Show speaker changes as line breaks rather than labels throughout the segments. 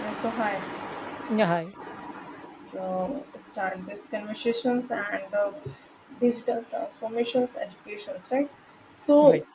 Yeah. So hi,
Yeah, hi.
so start these conversations and digital transformations, educations, right?
Right.
So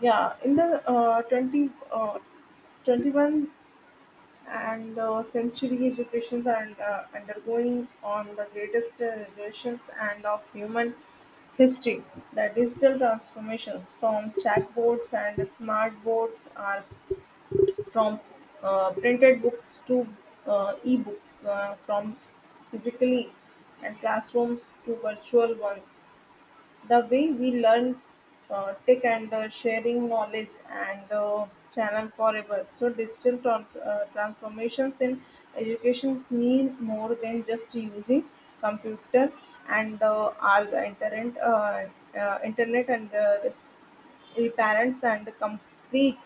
yeah, in the 20, 21 and century educations are undergoing on the greatest revolutions and of human history. The digital transformations from chatbots and smart boards are from printed books to e-books, from physically and classrooms to virtual ones. The way we learn tech and sharing knowledge and channel forever. So digital transformations in education mean more than just using computer and are the internet, internet and res- parents and complete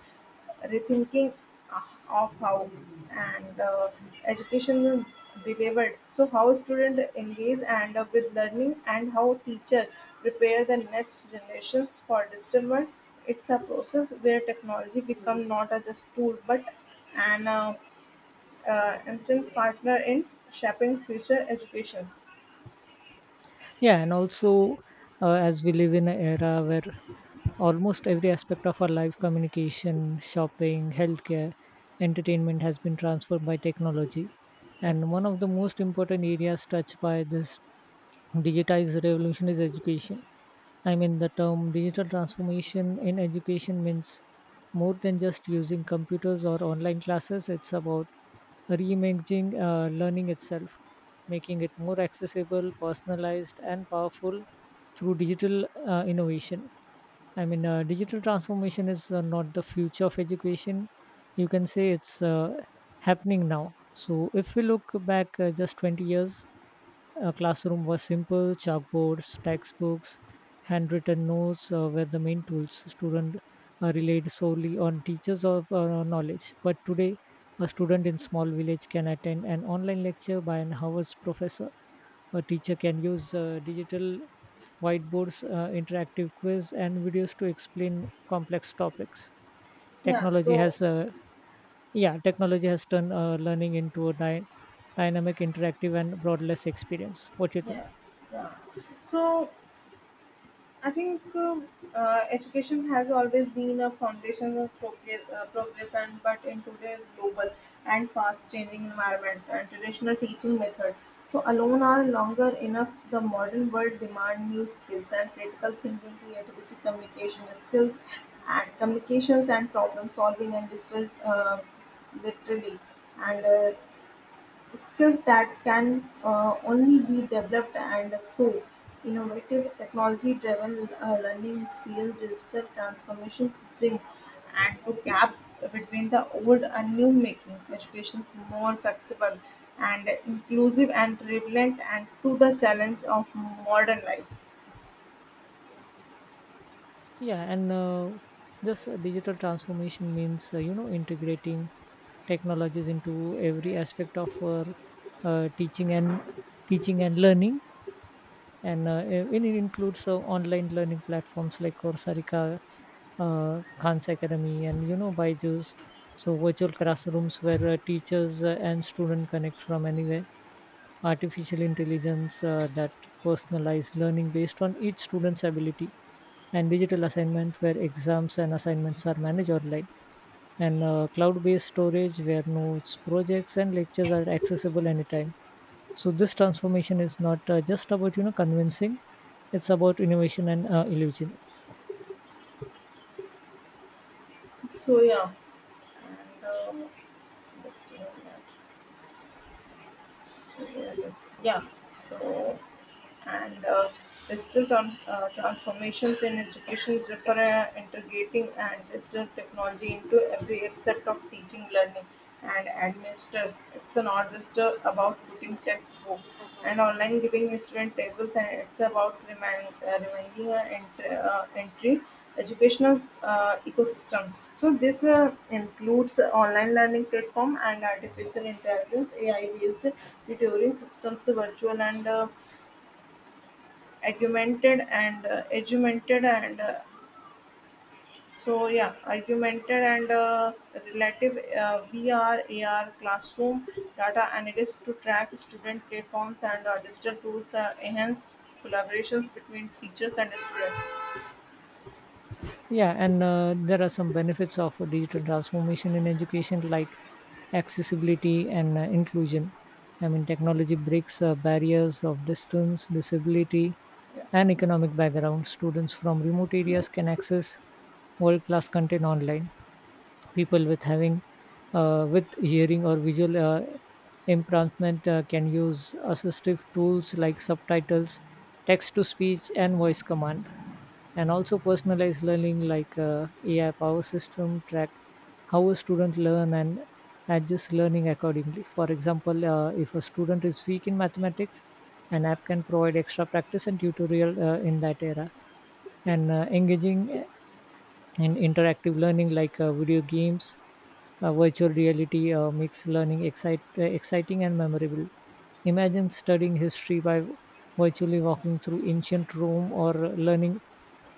rethinking uh, of how and education is delivered. So how student engage and with learning and how teacher prepare the next generations for digital world. It's a process where technology become not a just tool but an instant partner in shaping future education.
Yeah, and also as we live in an era where almost every aspect of our life communication, shopping, healthcare, entertainment has been transformed by technology.
yeah
And one of the most important areas touched by this digitized revolution is education. I mean, the term digital transformation in education means more than just using computers or online classes. It's about reimagining learning itself, making it more accessible, personalized, and powerful through digital innovation. I mean, digital transformation is not the future of education. You can say it's happening now. So, if we look back just 20 years, a classroom was simple, chalkboards, textbooks, handwritten notes were the main tools. Students relied solely on teachers of knowledge. But today, a student in small village can attend an online lecture by an Harvard's professor. A teacher can use digital whiteboards, interactive quiz, and videos to explain complex topics.
yeah
Technology
so
has, uh, yeah, technology has turned learning into a dynamic, interactive, and broadless experience. What do you think?
yeah yeah so I think education has always been a foundation of progress, progress and but in today's global and fast changing environment and traditional teaching method so alone are longer enough. The modern world demand new skills and critical thinking creativity communication skills and communications and problem solving and digital literally and skills that can only be developed and through innovative technology-driven learning experience. Digital transformations bring and to gap between the old and new, making education more flexible and inclusive and relevant and to the challenge of modern life.
Yeah, and this digital transformation means integrating technologies into every aspect of our teaching and learning and it includes online learning platforms like Coursera, Khan's Academy, and Byju's. So virtual classrooms where teachers and students connect from anywhere. Artificial intelligence that personalized learning based on each student's ability, and digital assignment where exams and assignments are managed online, and cloud-based storage where notes, projects, and lectures are accessible anytime. So this transformation is not just about convincing. It's about innovation and illusion.
So yeah. And just doing that. So yeah, just yeah. So and digital transformations in education refer integrating and digital technology into every aspect of teaching, learning, and administrators. It's not just about putting textbook and online giving student tables, and it's about reminding an entry educational ecosystem. So this includes online learning platform and artificial intelligence AI based tutoring systems, virtual and argumented and edumented and argumented and relative vr ar classroom, data analyst to track student platforms and digital tools enhance collaborations between teachers and student.
Yeah, and there are some benefits of a digital transformation in education like accessibility and inclusion. I mean, technology breaks barriers of distance disability
yeah
and economic background. Students from remote areas can access world class content online. People with having with hearing or visual impairment can use assistive tools like subtitles, text to speech, and voice command. And also personalized learning, like AI power system track how a student learn and adjust learning accordingly. For example, if a student is weak in mathematics, an app can provide extra practice and tutorial in that area. And engaging and interactive learning, like video games, virtual reality makes learning exciting and memorable. Imagine studying history by virtually walking through ancient Rome, or learning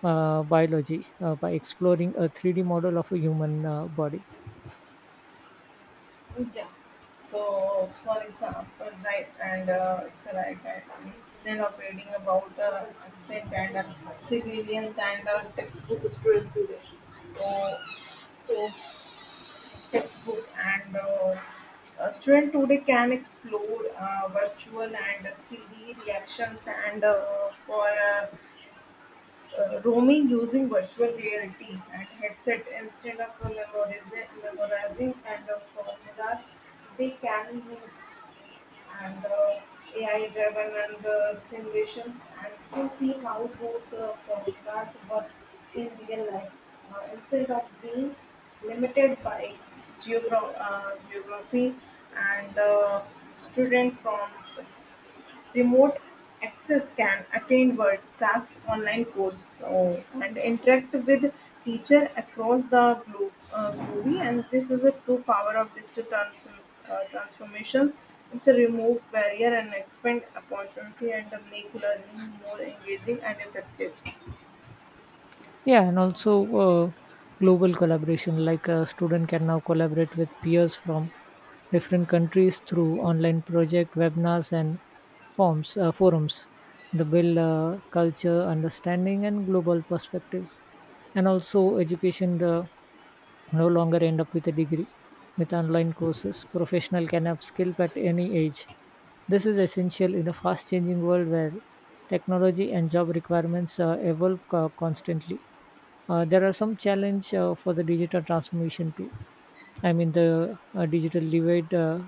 biology by exploring a 3D model of a human body.
Yeah. so for example, right? And it's a right, instead of reading about accent and civilians and textbook student today, so so textbook and a student today can explore virtual and 3D reactions and for roaming using virtual reality and headset, instead of memorizing and formulas. They can use and AI driven and the simulations and to see how those from class but in real life, instead of being limited by geography and student from remote access can attain world-class online courses and interact with teacher across the globe, globe. And this is a true power of digital transformation. It's a remove barrier and expand opportunity and make learning more engaging and effective.
Yeah, and also global collaboration, like a student can now collaborate with peers from different countries through online project, webinars, and forms forums. The build culture, understanding, and global perspectives, and also education. The no longer end up with a degree. With online courses, professional can upskill at any age. This is essential in a fast-changing world where technology and job requirements evolve constantly. There are some challenge for the digital transformation too. I mean, the digital divide.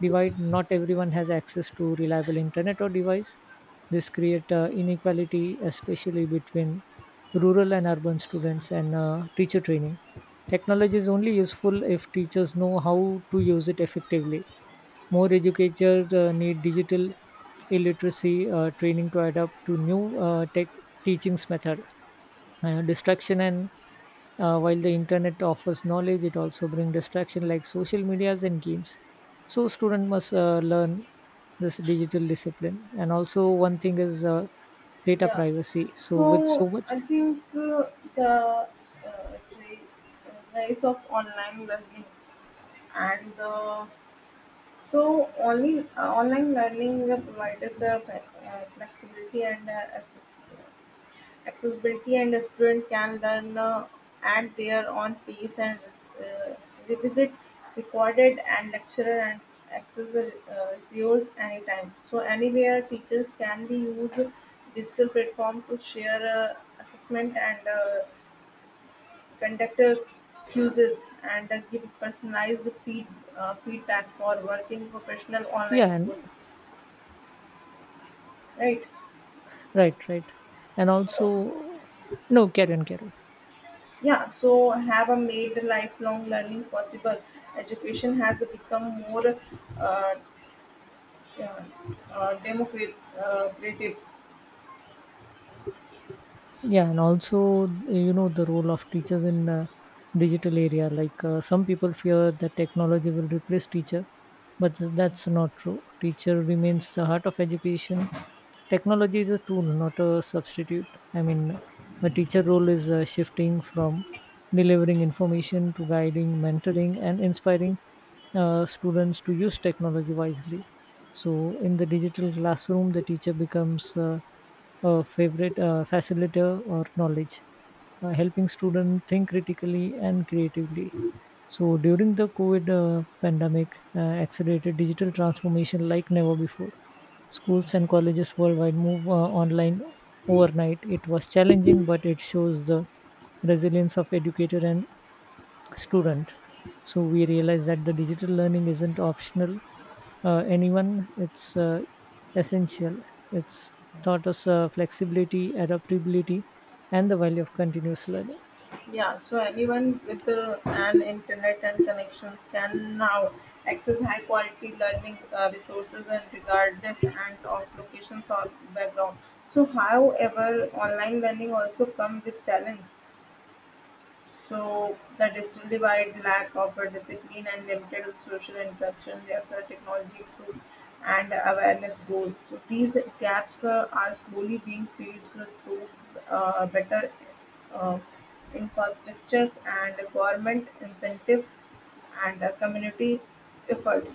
Divide. Not everyone has access to reliable internet or device. This create inequality, especially between rural and urban students, and teacher training. Technology is only useful if teachers know how to use it effectively. More educators need digital illiteracy training to adapt to new tech teachings method. Distraction. And while the internet offers knowledge, it also brings distraction like social medias and games. So student must learn this digital discipline. And also one thing is data
Yeah.
privacy, so with
So
so much.
I think the uh, ri- rise of online learning and the. So, only online learning provides flexibility and accessibility, and a student can learn at their own pace and uh, revisit recorded and lecturer and access the resource anytime. So, anywhere teachers can be use digital platform to share assessment and conduct quizzes, and give personalized feedback for working professional online
Yeah, and
course, right?
right, right. And
So,
also, no, carry on, carry on.
yeah, so have a made lifelong learning possible. Education has become more uh, uh, democratic.
Yeah, and also, you know, the role of teachers in digital area. Like some people fear that technology will replace teacher, but that's not true. Teacher remains the heart of education. Technology is a tool, not a substitute. I mean, a teacher role is shifting from delivering information to guiding, mentoring, and inspiring students to use technology wisely. So, in the digital classroom, the teacher becomes favorite facilitator or knowledge, helping students think critically and creatively. So during the COVID pandemic, accelerated digital transformation like never before. Schools and colleges worldwide move online overnight. It was challenging, but it shows the resilience of educator and student. So we realize that the digital learning isn't optional anyone. It's essential. It's taught us flexibility, adaptability, and the value of continuous learning.
Yeah, so anyone with an internet and connections can now access high quality learning resources and regardless and of locations or background. So, however, online learning also come with challenge. So that is still divide, lack of a discipline and limited social interaction. There's a technology through and awareness grows. So these gaps are slowly being filled through better uh, infrastructures and government incentive and community effort.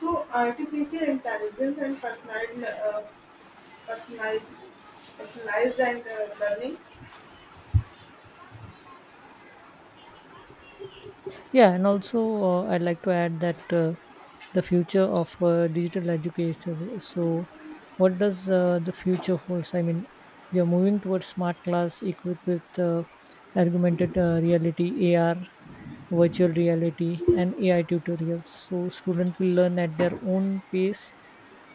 So artificial intelligence and personalized personalized and learning.
Yeah, and also I'd like to add that the future of digital education. So, what does the future holds? I mean, we are moving towards smart class equipped with augmented reality, AR, virtual reality, and AI tutorials. So, students will learn at their own pace,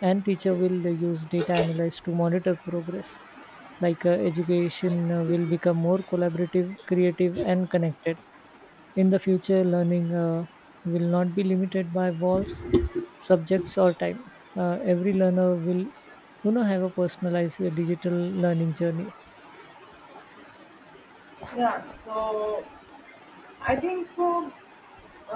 and teacher will use data analysis to monitor progress. Like education will become more collaborative, creative, and connected. In the future, learning will not be limited by walls, subjects, or time. Every learner will, have a personalized digital learning journey.
Yeah, so I think uh,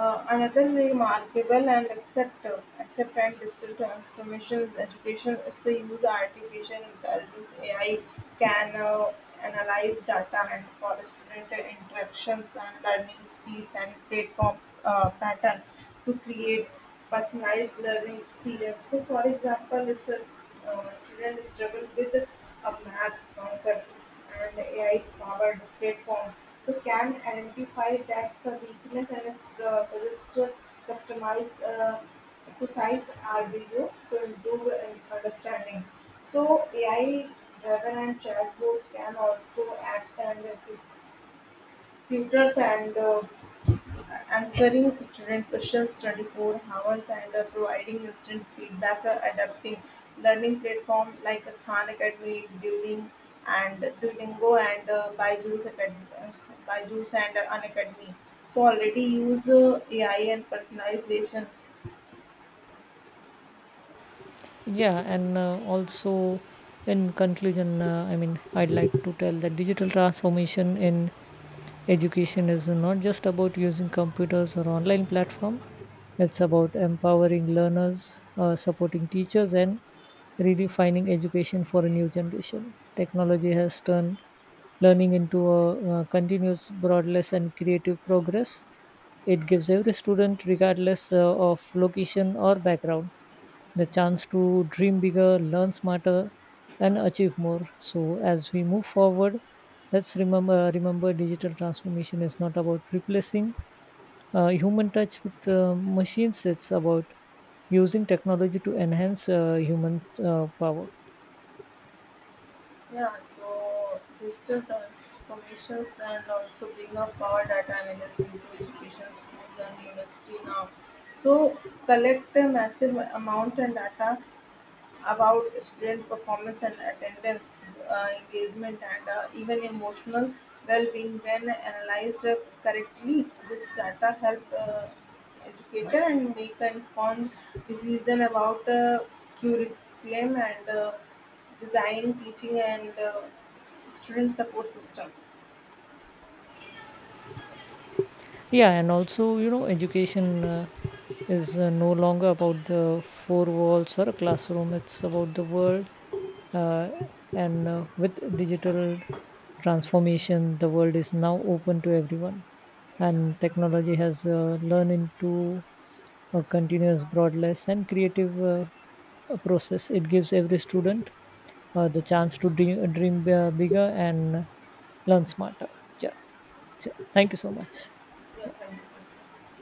Uh, another remarkable and accept and digital transformations education, it's a use artificial intelligence ai can analyze data and for student interactions and learning speeds and platform pattern to create personalized learning experience. So for example, it's a student struggle with a math concept and ai powered platform so can identify that's a weakness and suggest a customized exercise or video to improve in understanding. So AI driven and chatbot can also act as a tutors and answering student questions 24 hours and providing instant feedback, adapting learning platform like Khan Academy, Duolingo, and Byju's Academy, Byju's and Unacademy. So already use AI and personalization.
Yeah, and also, in conclusion, I mean, I'd like to tell that digital transformation in education is not just about using computers or online platform. It's about empowering learners, supporting teachers, and redefining education for a new generation. Technology has turned learning into a, continuous, broadless, and creative progress. It gives every student, regardless of location or background, the chance to dream bigger, learn smarter, and achieve more. So as we move forward, let's remember digital transformation is not about replacing human touch with machines. It's about using technology to enhance human power.
Yeah, so digital transformations and also bring up power data analysis into education, schools and university now. So collect a massive amount and data about student performance and attendance, engagement, and even emotional well-being when analyzed correctly. This data help educator and make an informed decision about curriculum and design, teaching, and s- student support system.
Yeah, and also, you know, education is no longer about the four walls or a classroom. It's about the world. Uh, and with digital transformation, the world is now open to everyone.
Yeah,
And technology has learned into a continuous, broadless, and creative process. It gives every student the chance to dream, dream bigger and learn smarter. Yeah. So, thank you so much.
yeah,
Yeah.
thank you.